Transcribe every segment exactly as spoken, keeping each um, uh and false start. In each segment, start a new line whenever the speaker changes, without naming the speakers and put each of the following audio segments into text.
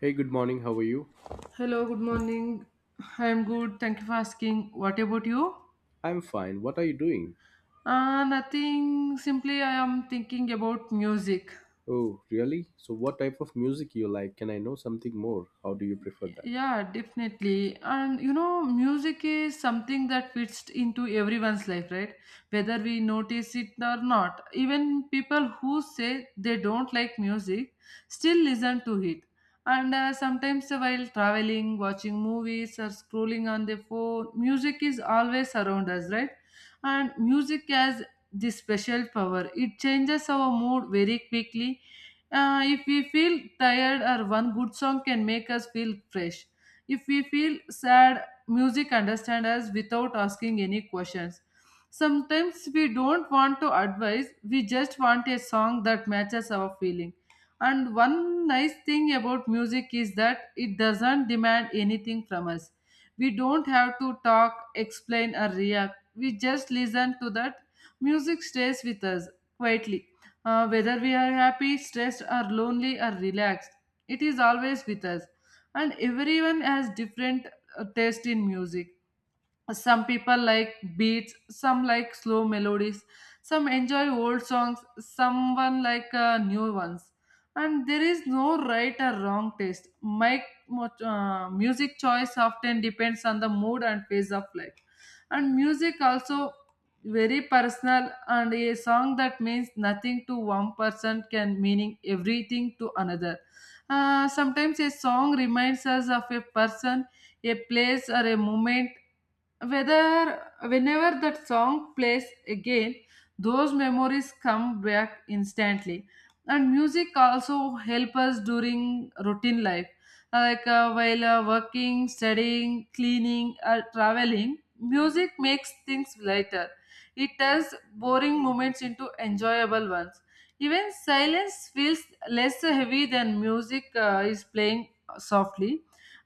Hey, good morning. How are you?
Hello, good morning. I am good. Thank you for asking. What about you?
I'm fine. What are you doing?
Uh, nothing. Simply, I am thinking about music.
Oh, really? So, what type of music you like? Can I know something more? How do you prefer that?
Yeah, definitely. And you know, music is something that fits into everyone's life, right? Whether we notice it or not. Even people who say they don't like music still listen to it. And uh, sometimes while traveling, watching movies, or scrolling on the phone, music is always around us, right? And music has this special power. It changes our mood very quickly, uh, if we feel tired, or one good song can make us feel fresh. If we feel sad, music understands us without asking any questions. Sometimes we don't want to advise, we just want a song that matches our feeling. And one nice thing about music is that it doesn't demand anything from us. We don't have to talk, explain, or react. We just listen to that. Music stays with us quietly, uh, whether we are happy, stressed, or lonely, or relaxed, it is always with us. And everyone has different uh, taste in music. Some people like beats, some like slow melodies, some enjoy old songs, someone like uh, new ones, and there is no right or wrong taste. My mo- uh, music choice often depends on the mood and phase of life, and music also very personal, and a song that means nothing to one person can meaning everything to another. Uh, sometimes a song reminds us of a person, a place or a moment. Whether whenever that song plays again, those memories come back instantly. And music also help us during routine life, like uh, while uh, working, studying, cleaning or traveling, music makes things lighter. It turns boring moments into enjoyable ones. Even silence feels less heavy than music uh, is playing softly.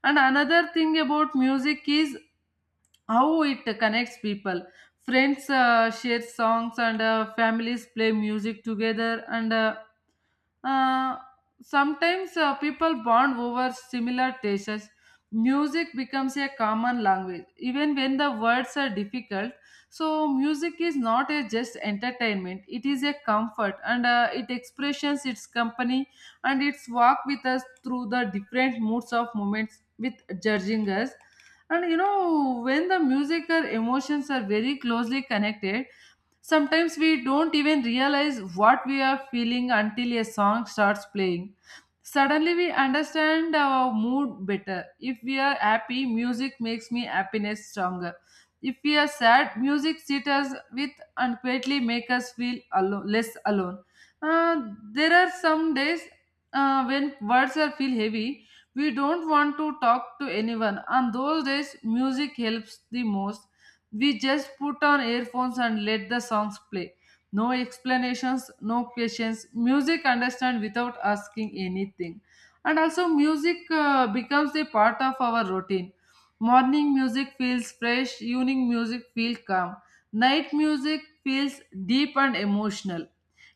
And another thing about music is how it connects people. Friends uh, share songs, and uh, families play music together, and uh, uh, sometimes uh, people bond over similar tastes. Music becomes a common language even when the words are difficult. So music is not a just entertainment, it is a comfort, and uh, it expressions its company, and its walk with us through the different moods of moments with judging us. And you know, when the music or emotions are very closely connected. Sometimes we don't even realize what we are feeling until a song starts playing. Suddenly we understand our mood better. If we are happy, music makes me happiness stronger. If we are sad, music sits us with and quietly make us feel alo- less alone. Uh, there are some days, uh, when words are feel heavy. We don't want to talk to anyone. On those days, music helps the most. We just put on earphones and let the songs play. No explanations, no questions. Music understand without asking anything. And also music uh, becomes a part of our routine. Morning music feels fresh, evening music feels calm. Night music feels deep and emotional.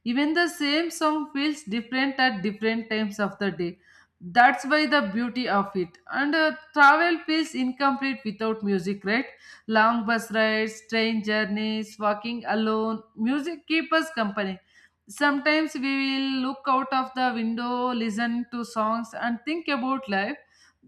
Even the same song feels different at different times of the day. That's why the beauty of it. And uh, travel feels incomplete without music, right? Long bus rides, train journeys, walking alone, music keep us company. Sometimes we will look out of the window, listen to songs, and think about life.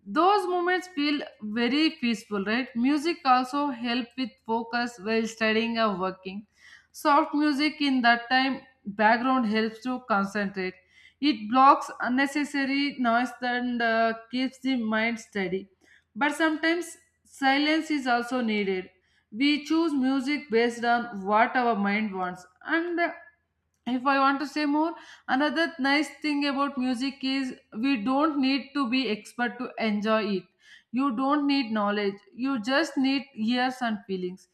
Those moments feel very peaceful, right? Music also help with focus while studying or working. Soft music in that time background helps to concentrate. It blocks unnecessary noise, and uh, keeps the mind steady. But sometimes silence is also needed. We choose music based on what our mind wants. And if I want to say more, another nice thing about music is we don't need to be expert to enjoy it. You don't need knowledge. You just need ears and feelings.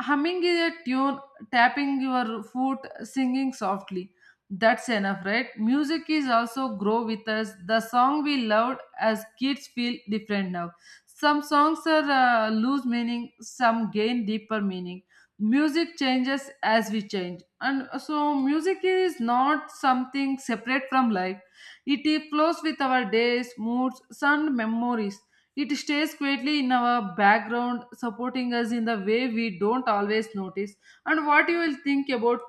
Humming is a tune, tapping your foot, singing softly. That's enough, right? Music is also grow with us. The song we loved as kids feel different now. Some songs are, uh, lose meaning, some gain deeper meaning. Music changes as we change, and so music is not something separate from life. It flows with our days, moods, and memories. It stays quietly in our background, supporting us in the way we don't always notice. And what you will think about?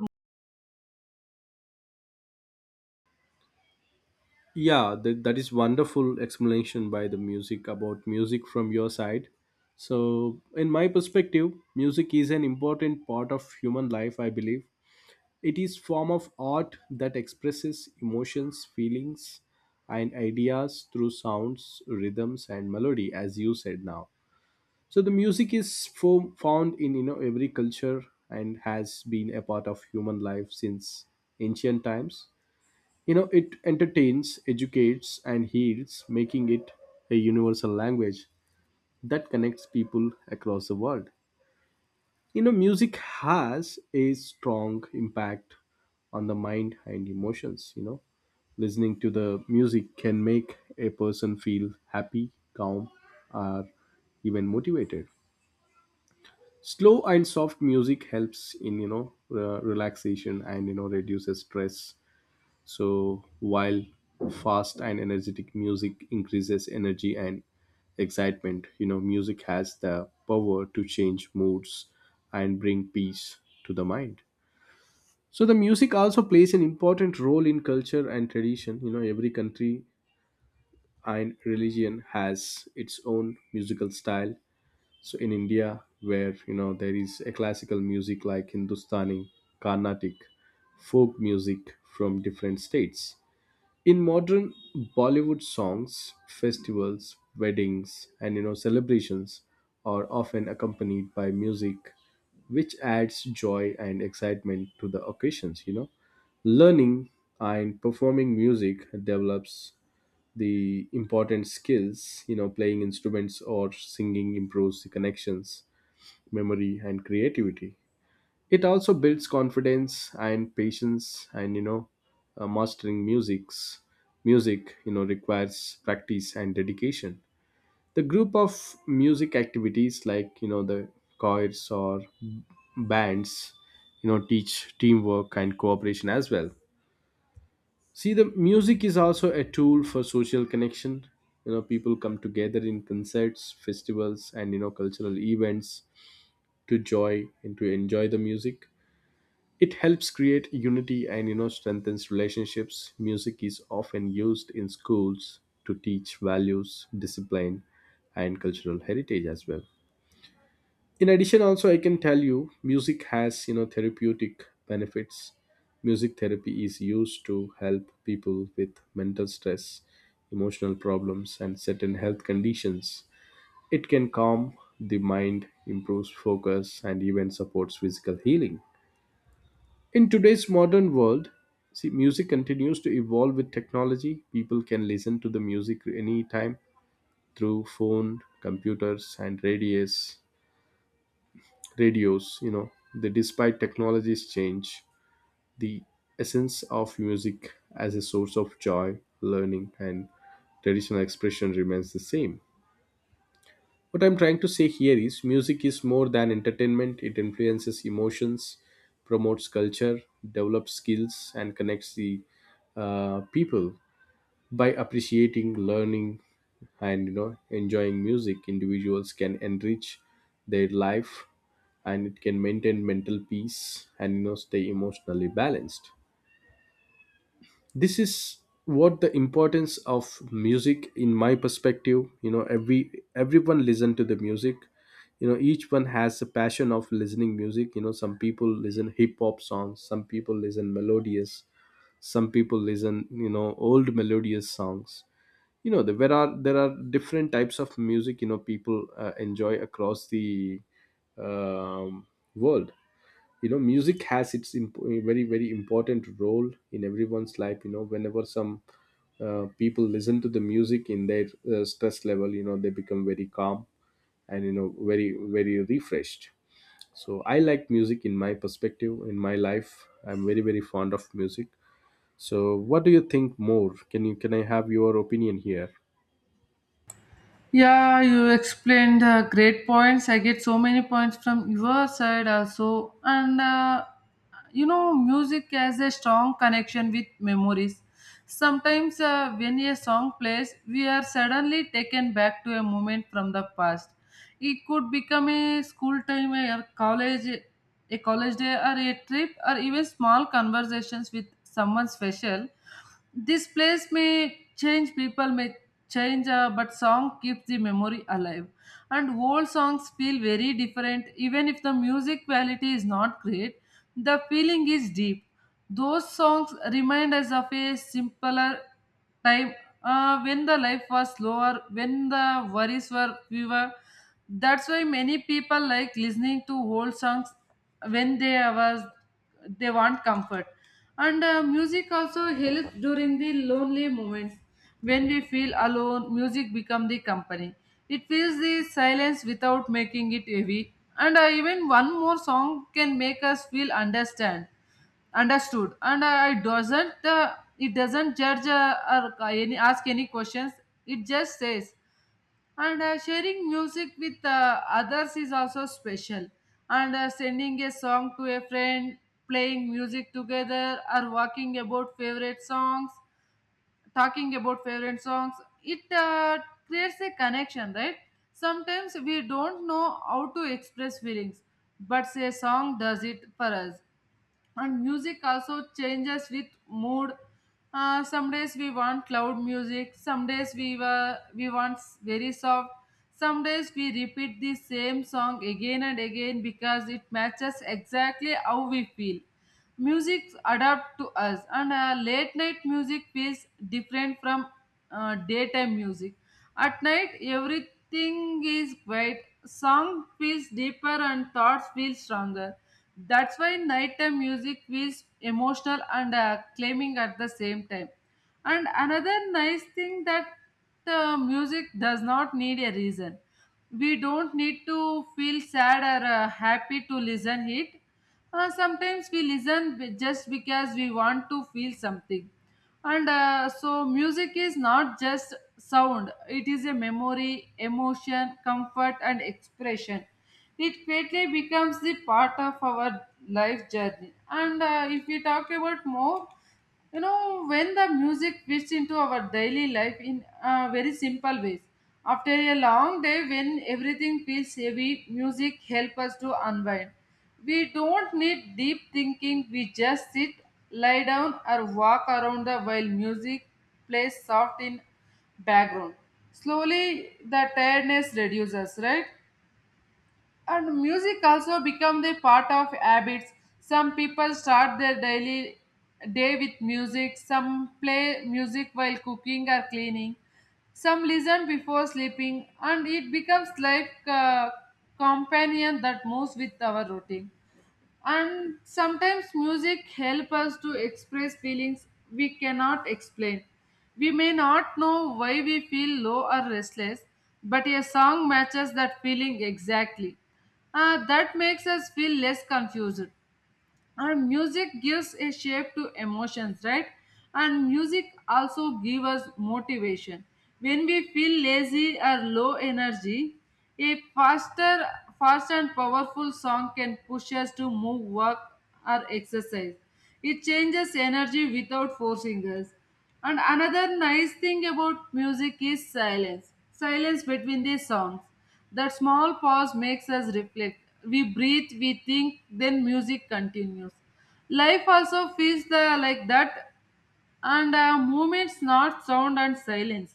Yeah, that, that is wonderful explanation by the music about music from your side. So, in my perspective, music is an important part of human life, I believe. It is form of art that expresses emotions, feelings, and ideas through sounds, rhythms, and melody, as you said now. So the music is fo- found in you know every culture and has been a part of human life since ancient times. You know it entertains, educates, and heals, making it a universal language that connects people across the world. You know music has a strong impact on the mind and emotions. You know listening to the music can make a person feel happy, calm, or even motivated. Slow and soft music helps in, you know, uh, relaxation, and you know reduces stress, so while fast and energetic music increases energy and excitement. You know music has the power to change moods and bring peace to the mind. So the music also plays an important role in culture and tradition. You know every country and religion has its own musical style. So in india where, you know, there is a classical music like hindustani, carnatic, folk music from different states, in modern bollywood songs, festivals, weddings, and you know celebrations are often accompanied by music, which adds joy and excitement to the occasions. You know learning and performing music develops the important skills. You know playing instruments or singing improves the connections, memory, and creativity. It also builds confidence and patience, and you know, uh, mastering music's music you know requires practice and dedication. The group of music activities like, you know, the choirs or bands, you know, teach teamwork and cooperation as well. See, the music is also a tool for social connection. You know, people come together in concerts, festivals, and you know, cultural events to joy and to enjoy the music. It helps create unity and you know strengthens relationships. Music is often used in schools to teach values, discipline, and cultural heritage as well. In addition also I can tell you music has you know therapeutic benefits. Music therapy is used to help people with mental stress, emotional problems, and certain health conditions. It can calm the mind, improves focus, and even supports physical healing. In today's modern world, see, music continues to evolve with technology. People can listen to the music anytime through phone, computers, and radios radios. You know, they despite technologies change, the essence of music as a source of joy, learning, and traditional expression remains the same. What I'm trying to say here is music is more than entertainment. It influences emotions, promotes culture, develops skills, and connects the uh, people. By appreciating, learning, and you know enjoying music, individuals can enrich their life, and it can maintain mental peace, and you know stay emotionally balanced. This is what the importance of music in my perspective. You know every everyone listen to the music. You know each one has a passion of listening music. You know some people listen hip hop songs, some people listen melodious, some people listen, you know, old melodious songs. You know there are there are different types of music, you know, people uh, enjoy across the um, world. You know music has its imp- very very important role in everyone's life. You know whenever some uh, people listen to the music in their uh, stress level, you know, they become very calm, and you know, very very refreshed. So I like music. In my perspective, in my life, I'm very very fond of music. So what do you think more? Can you, can I have your opinion here?
Yeah, you explained uh, great points. I get so many points from your side also. And uh, you know, music has a strong connection with memories. Sometimes, uh, when a song plays, we are suddenly taken back to a moment from the past. It could become a school time, a college, a college day, or a trip, or even small conversations with someone special. This place may change, people may change, uh, but song keeps the memory alive. And old songs feel very different, even if the music quality is not great. The feeling is deep. Those songs remind us of a simpler time, uh, when the life was slower, when the worries were fewer. That's why many people like listening to old songs when they was they want comfort. And uh, music also helps during the lonely moments. When we feel alone, music becomes the company. It fills the silence without making it heavy. And uh, even one more song can make us feel understand understood, and i I doesn't uh, it doesn't judge uh, or uh, any ask any questions. It just says. And uh, sharing music with uh, others is also special, and uh, sending a song to a friend, playing music together, or walking about favorite songs talking about favorite songs, it uh, creates a connection, right? Sometimes we don't know how to express feelings, but a song does it for us. And music also changes with mood. Uh, some days we want loud music, some days we were we want s- very soft, some days we repeat the same song again and again because it matches exactly how we feel. Music adapt to us, and uh, late night music feels different from uh, daytime music. At night everything is quiet, song feels deeper and thoughts feel stronger. That's why nighttime music feels emotional, and uh, claiming at the same time. And another nice thing that uh, music does not need a reason. We don't need to feel sad or uh, happy to listen it. Uh, sometimes we listen be- just because we want to feel something. And uh, so, music is not just sound, it is a memory, emotion, comfort, and expression. It quickly becomes the part of our life journey. And uh, if we talk about more, you know, when the music fits into our daily life in uh, very simple ways. After a long day when everything feels heavy, music helps us to unwind. We don't need deep thinking, we just sit, lie down or walk around the while music plays soft in background. Slowly the tiredness reduces, right? And music also become the part of habits. Some people start their daily day with music. Some play music while cooking or cleaning. Some listen before sleeping, and it becomes like a companion that moves with our routine. And sometimes music help us to express feelings we cannot explain. We may not know why we feel low or restless, but a song matches that feeling exactly. Uh, that makes us feel less confused, and music gives a shape to emotions, right? And music also gives us motivation. When we feel lazy or low energy, a faster fast and powerful song can push us to move, work or exercise. It changes energy without forcing us. And another nice thing about music is silence silence between the songs. That small pause makes us reflect. We breathe, we think, then music continues. Life also feels the, like that, and uh, movements, not sound and silence.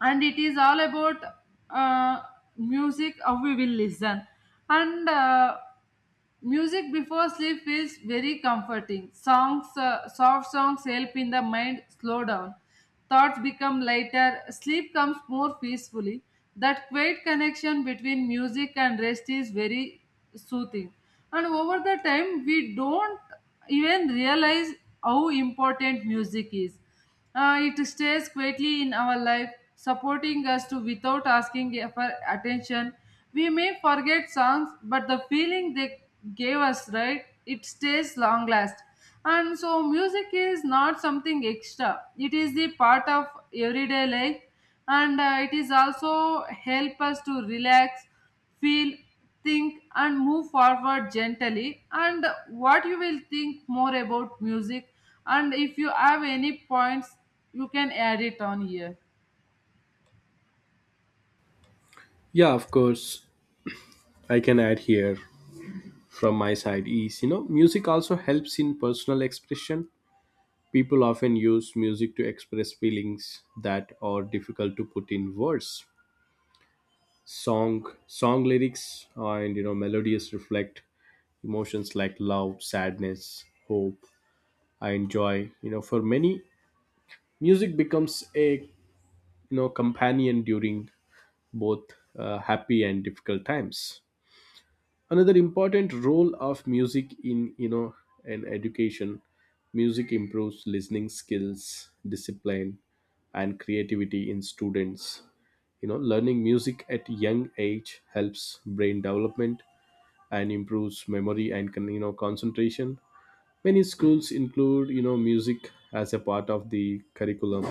And it is all about uh, music, how we will listen. And uh, music before sleep feels very comforting. Songs, uh, soft songs help in the mind slow down. Thoughts become lighter. Sleep comes more peacefully. That quiet connection between music and rest is very soothing. And over the time, we don't even realize how important music is. Uh, it stays quietly in our life, supporting us to without asking for attention. We may forget songs, but the feeling they gave us, right? It stays long last. And so, music is not something extra. It is the part of everyday life, and uh, it is also help us to relax, feel, think, and move forward gently. And what you will think more about music, and if you have any points, you can add it on here.
Yeah, of course. I can add here from my side is you know music also helps in personal expression. People often use music to express feelings that are difficult to put in words. Song song lyrics and you know melodies reflect emotions like love, sadness, hope, I enjoy. You know for many, music becomes a, you know, companion during both uh, happy and difficult times. Another important role of music in, you know, an education: music improves listening skills, discipline, and creativity in students. You know learning music at young age helps brain development and improves memory and con- you know concentration. Many schools include, you know, music as a part of the curriculum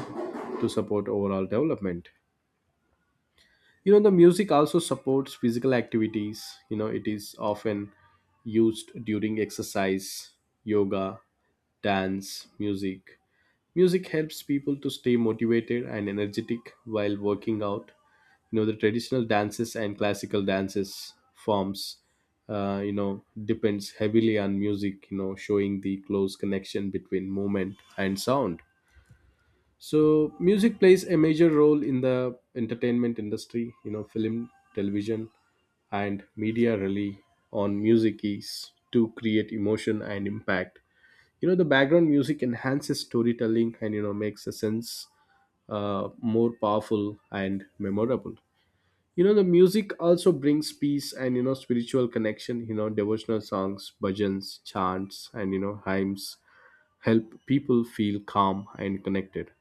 to support overall development. You know the music also supports physical activities. You know it is often used during exercise, yoga, dance music. Music helps people to stay motivated and energetic while working out. You know the traditional dances and classical dances forms, uh, you know, depends heavily on music, you know, showing the close connection between movement and sound. So music plays a major role in the entertainment industry. You know, film, television, and media rely on music is to create emotion and impact. You know, the background music enhances storytelling and you know makes a sense uh, more powerful and memorable. You know, the music also brings peace and you know spiritual connection. You know, devotional songs, bhajans, chants, and you know hymns help people feel calm and connected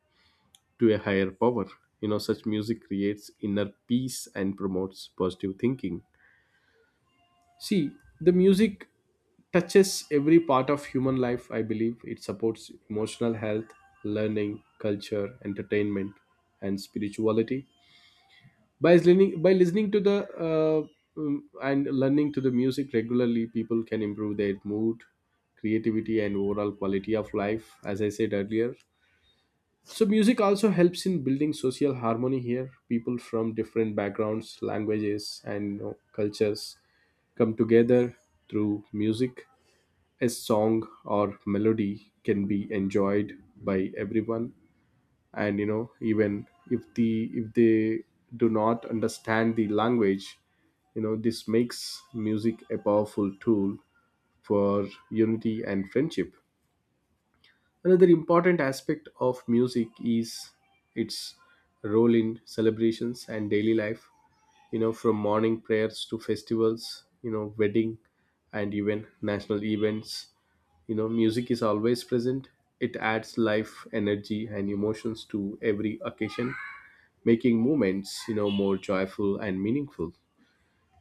to a higher power. You know, such music creates inner peace and promotes positive thinking. See, the music touches every part of human life, I believe. It supports emotional health, learning, culture, entertainment, and spirituality. By listening, by listening to the uh, um, and learning to the music regularly, people can improve their mood, creativity, and overall quality of life. As I said earlier, so music also helps in building social harmony here. People from different backgrounds, languages, and you know, cultures come together through music. A song or melody can be enjoyed by everyone, and you know even if the if they do not understand the language, you know this makes music a powerful tool for unity and friendship. Another important aspect of music is its role in celebrations and daily life, you know, from morning prayers to festivals, you know, wedding and even national events. You know, music is always present. It adds life, energy, and emotions to every occasion, making moments, you know, more joyful and meaningful.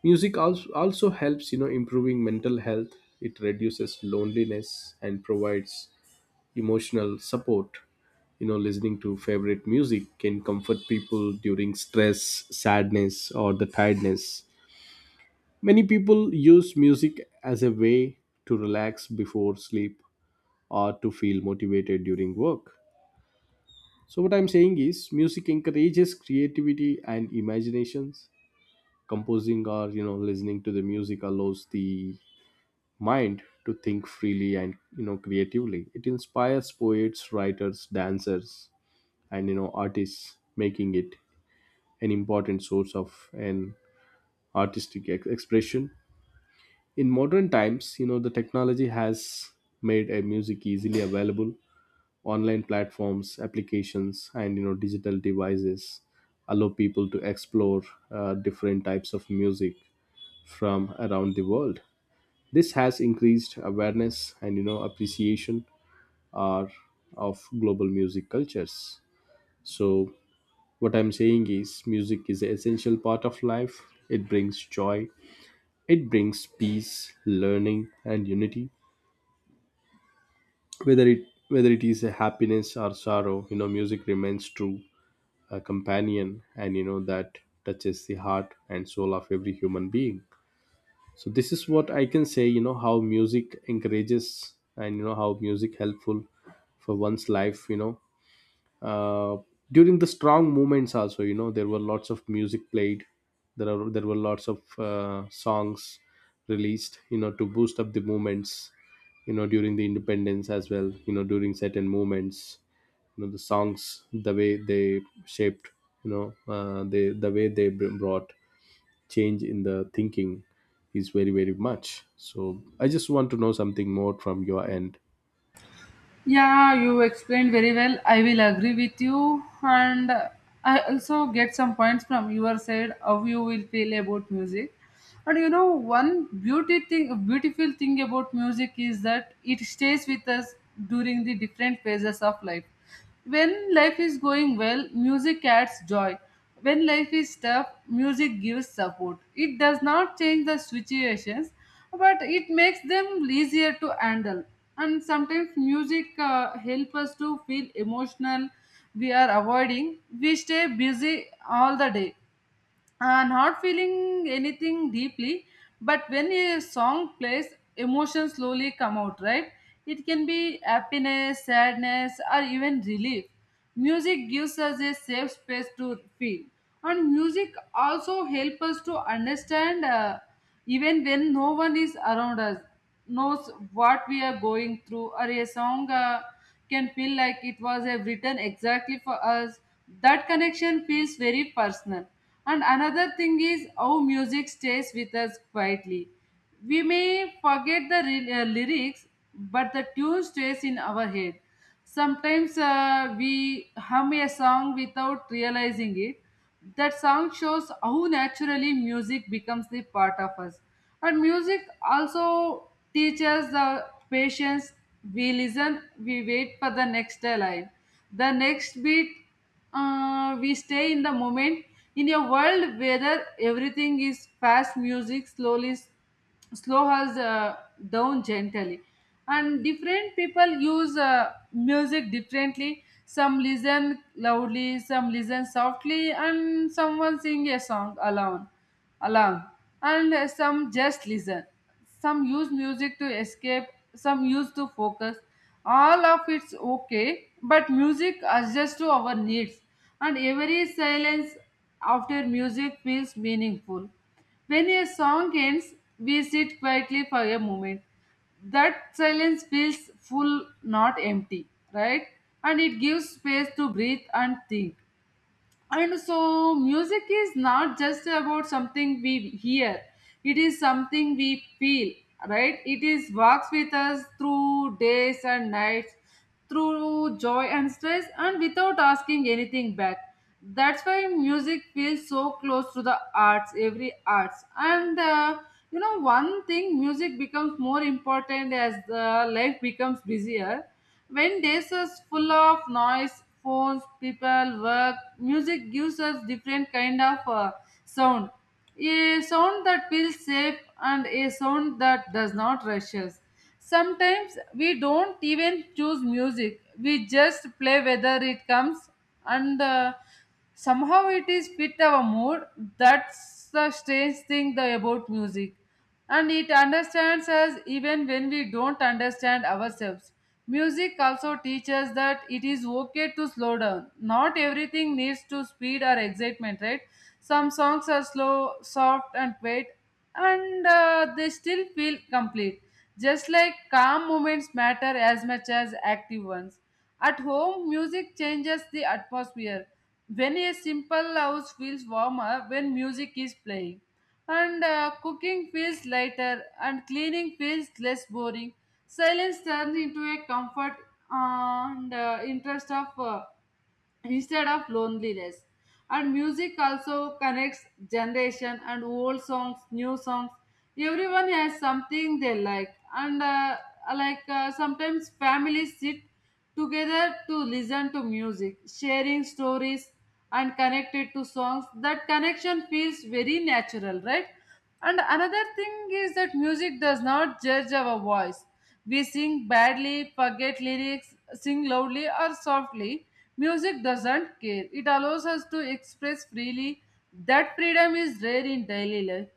Music also also helps, you know, improving mental health. It reduces loneliness and provides emotional support. You know listening to favorite music can comfort people during stress, sadness, or the tiredness. Many people use music as a way to relax before sleep or to feel motivated during work. So what I'm saying is music encourages creativity and imaginations. Composing or you know listening to the music allows the mind to think freely and you know creatively. It inspires poets, writers, dancers, and you know artists, making it an important source of an artistic ex- expression. In modern times, you know, the technology has made a music easily available. Online platforms, applications, and you know digital devices allow people to explore uh, different types of music from around the world. This has increased awareness and you know appreciation are of global music cultures. So what I'm saying is, music is an essential part of life. It brings joy, it brings peace, learning, and unity. Whether it whether it is a happiness or sorrow, you know, music remains true, a companion, and you know that touches the heart and soul of every human being. So this is what I can say. You know how music encourages, and you know how music helpful for one's life. You know uh, during the strong moments also, you know, there were lots of music played. There are there were lots of uh, songs released, you know, to boost up the movements, you know, during the independence as well, you know, during certain moments. You know the songs, the way they shaped, you know, uh, they the way they br- brought change in the thinking is very very much. So I just want to know something more from your end.
Yeah, you explained very well. I will agree with you, and I also get some points from your side how you will feel about music. And you know, one beauty thing, beautiful thing about music is that it stays with us during the different phases of life. When life is going well, music adds joy. When life is tough, music gives support. It does not change the situations, but it makes them easier to handle. And sometimes music uh, help us to feel emotional we are avoiding. We stay busy all the day, uh, not feeling anything deeply, but when a song plays, emotions slowly come out, right? It can be happiness, sadness, or even relief. Music gives us a safe space to feel. And music also helps us to understand, uh, even when no one is around us knows what we are going through, or a song uh, can feel like it was uh, written exactly for us. That connection feels very personal. And another thing is how music stays with us quietly. We may forget the re- uh, lyrics, but the tune stays in our head. Sometimes uh, we hum a song without realizing it. That song shows how naturally music becomes the part of us. And music also teaches the patience. We listen, we wait for the next line, the next beat, uh, we stay in the moment. In a world where everything is fast, music slowly slow us, uh, down gently. And different people use uh, music differently. Some listen loudly, some listen softly, and someone sing a song alone, along, and uh, some just listen, some use music to escape, some use to focus. All of it's okay, but music adjusts to our needs. And every silence after music feels meaningful. When a song ends, we sit quietly for a moment. That silence feels full, not empty, right? And it gives space to breathe and think. And so music is not just about something we hear, it is something we feel, right? It is walks with us through days and nights, through joy and stress, and without asking anything back. That's why music feels so close to the arts, every arts. And uh, you know, one thing, music becomes more important as the life becomes busier. When days are full of noise, phones, people, work, music gives us different kind of uh, sound. A sound that feels safe, and a sound that does not rush us. Sometimes we don't even choose music. We just play whether it comes, and uh, somehow it is fit our mood. That's the strange thing, the, about music. And it understands us even when we don't understand ourselves. Music also teaches that it is okay to slow down. Not everything needs to speed or excitement, right? Some songs are slow, soft, and quiet, and uh, they still feel complete, just like calm moments matter as much as active ones. At home, music changes the atmosphere. When a simple house feels warmer when music is playing, and uh, cooking feels lighter, and cleaning feels less boring. Silence turns into a comfort, uh, and uh, interest of, uh, instead of loneliness. And music also connects generation, and old songs, new songs. Everyone has something they like, and uh, like uh, sometimes families sit together to listen to music, sharing stories and connected to songs. That connection feels very natural, right? And another thing is that music does not judge our voice. We sing badly, forget lyrics, sing loudly or softly, music doesn't care. It allows us to express freely. That freedom is rare in daily life.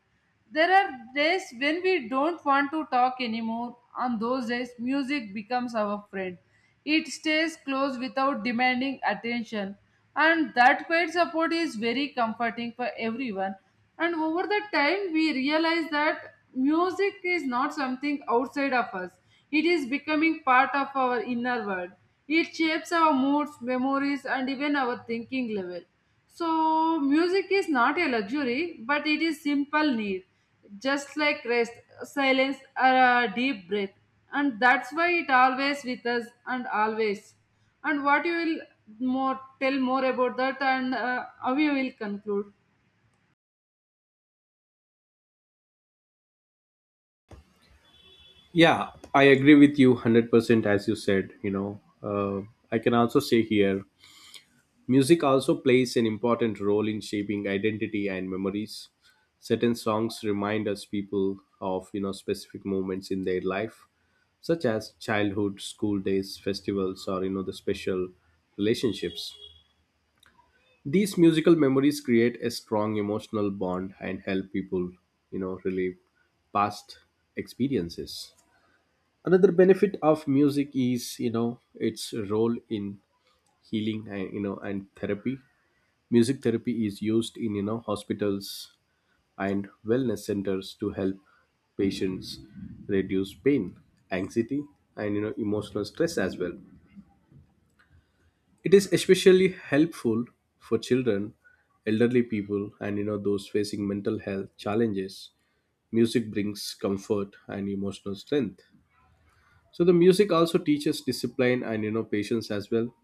There are days when we don't want to talk anymore. On those days, music becomes our friend. It stays close without demanding attention. And that quiet support is very comforting for everyone. And over the time, we realize that music is not something outside of us, it is becoming part of our inner world. It shapes our moods, memories, and even our thinking level. So, music is not a luxury, but it is simple need, just like rest, silence, or a deep breath, and that's why it always with us and always. And what you will more tell more about that, and uh, how you will conclude?
Yeah, I agree with you one hundred percent as you said, you know. Uh, I can also say here, music also plays an important role in shaping identity and memories. Certain songs remind us people of, you know, specific moments in their life, such as childhood, school days, festivals, or, you know, the special relationships. These musical memories create a strong emotional bond and help people, you know, relive past experiences. Another benefit of music is you know its role in healing and you know and therapy. Music therapy is used in, you know, hospitals and wellness centers to help patients reduce pain, anxiety, and you know emotional stress as well. It is especially helpful for children, elderly people, and you know those facing mental health challenges. Music brings comfort and emotional strength. So the music also teaches discipline and you know patience as well.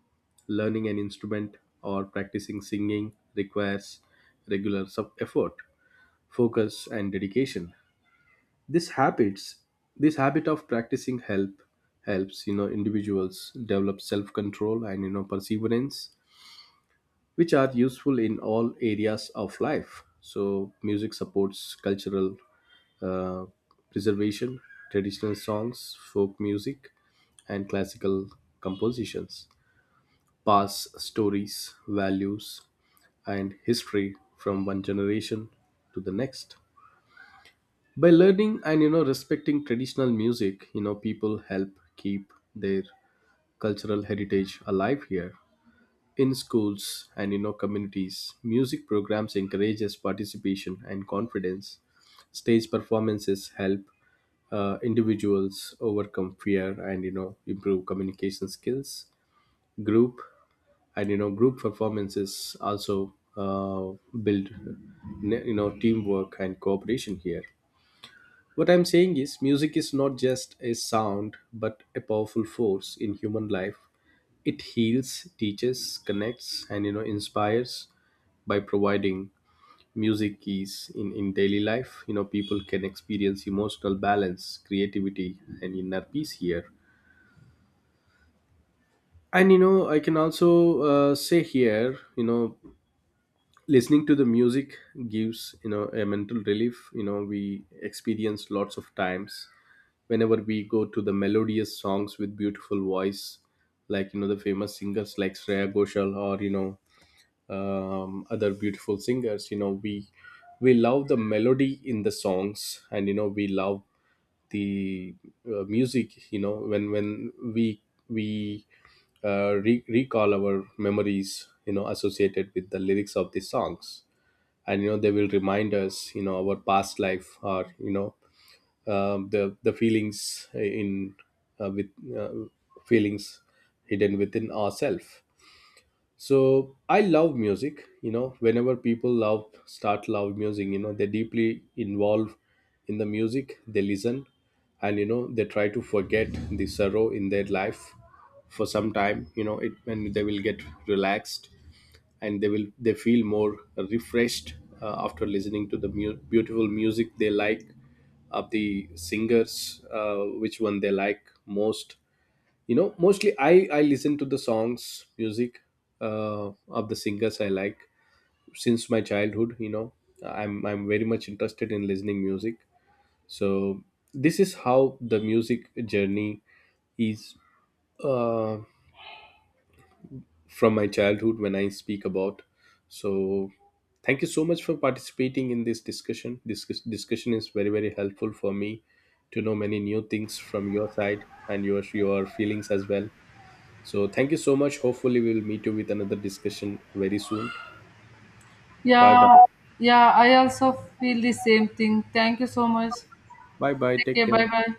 Learning an instrument or practicing singing requires regular sub effort, focus, and dedication. This habits this habit of practicing help helps you know individuals develop self-control and you know perseverance, which are useful in all areas of life. So music supports cultural uh, preservation. Traditional songs, folk music, and classical compositions pass stories, values, and history from one generation to the next. By learning and you know respecting traditional music, you know people help keep their cultural heritage alive here. In schools and you know communities, music programs encourages participation and confidence. Stage performances help uh, individuals overcome fear and you know improve communication skills. Group and you know group performances also uh, build you know teamwork and cooperation here. What I'm saying is music is not just a sound but a powerful force in human life. It heals, teaches, connects, and you know inspires. By providing music is in, in daily life, you know, people can experience emotional balance, creativity, and inner peace here. And you know, I can also uh, say here, you know, listening to the music gives you know a mental relief. You know, we experience lots of times whenever we go to the melodious songs with beautiful voice, like you know the famous singers like Shreya Ghoshal or you know um, other beautiful singers. You know we we love the melody in the songs and you know we love the uh, music. You know when when we we uh, re- recall our memories, you know, associated with the lyrics of the songs, and you know they will remind us, you know, our past life, or you know, um, the the feelings in, uh, with uh, feelings hidden within ourselves. So I love music. You know whenever people love start love music, you know, they deeply involve in the music they listen, and you know they try to forget the sorrow in their life for some time, you know, it, and they will get relaxed, and they will they feel more refreshed uh, after listening to the mu- beautiful music they like of the singers, uh, which one they like most. You know mostly i i listen to the songs music uh, of the singers I like since my childhood. You know i'm i'm very much interested in listening music. So this is how the music journey is, uh, from my childhood when I speak about. So thank you so much for participating in this discussion. This dis- discussion is very very helpful for me to know many new things from your side and your your feelings as well. So thank you so much. Hopefully, we will meet you with another discussion very soon. Bye bye.
Yeah, yeah, I also feel the same thing. Thank you so much.
Bye bye.
Take
Take
care. Bye
care.
bye.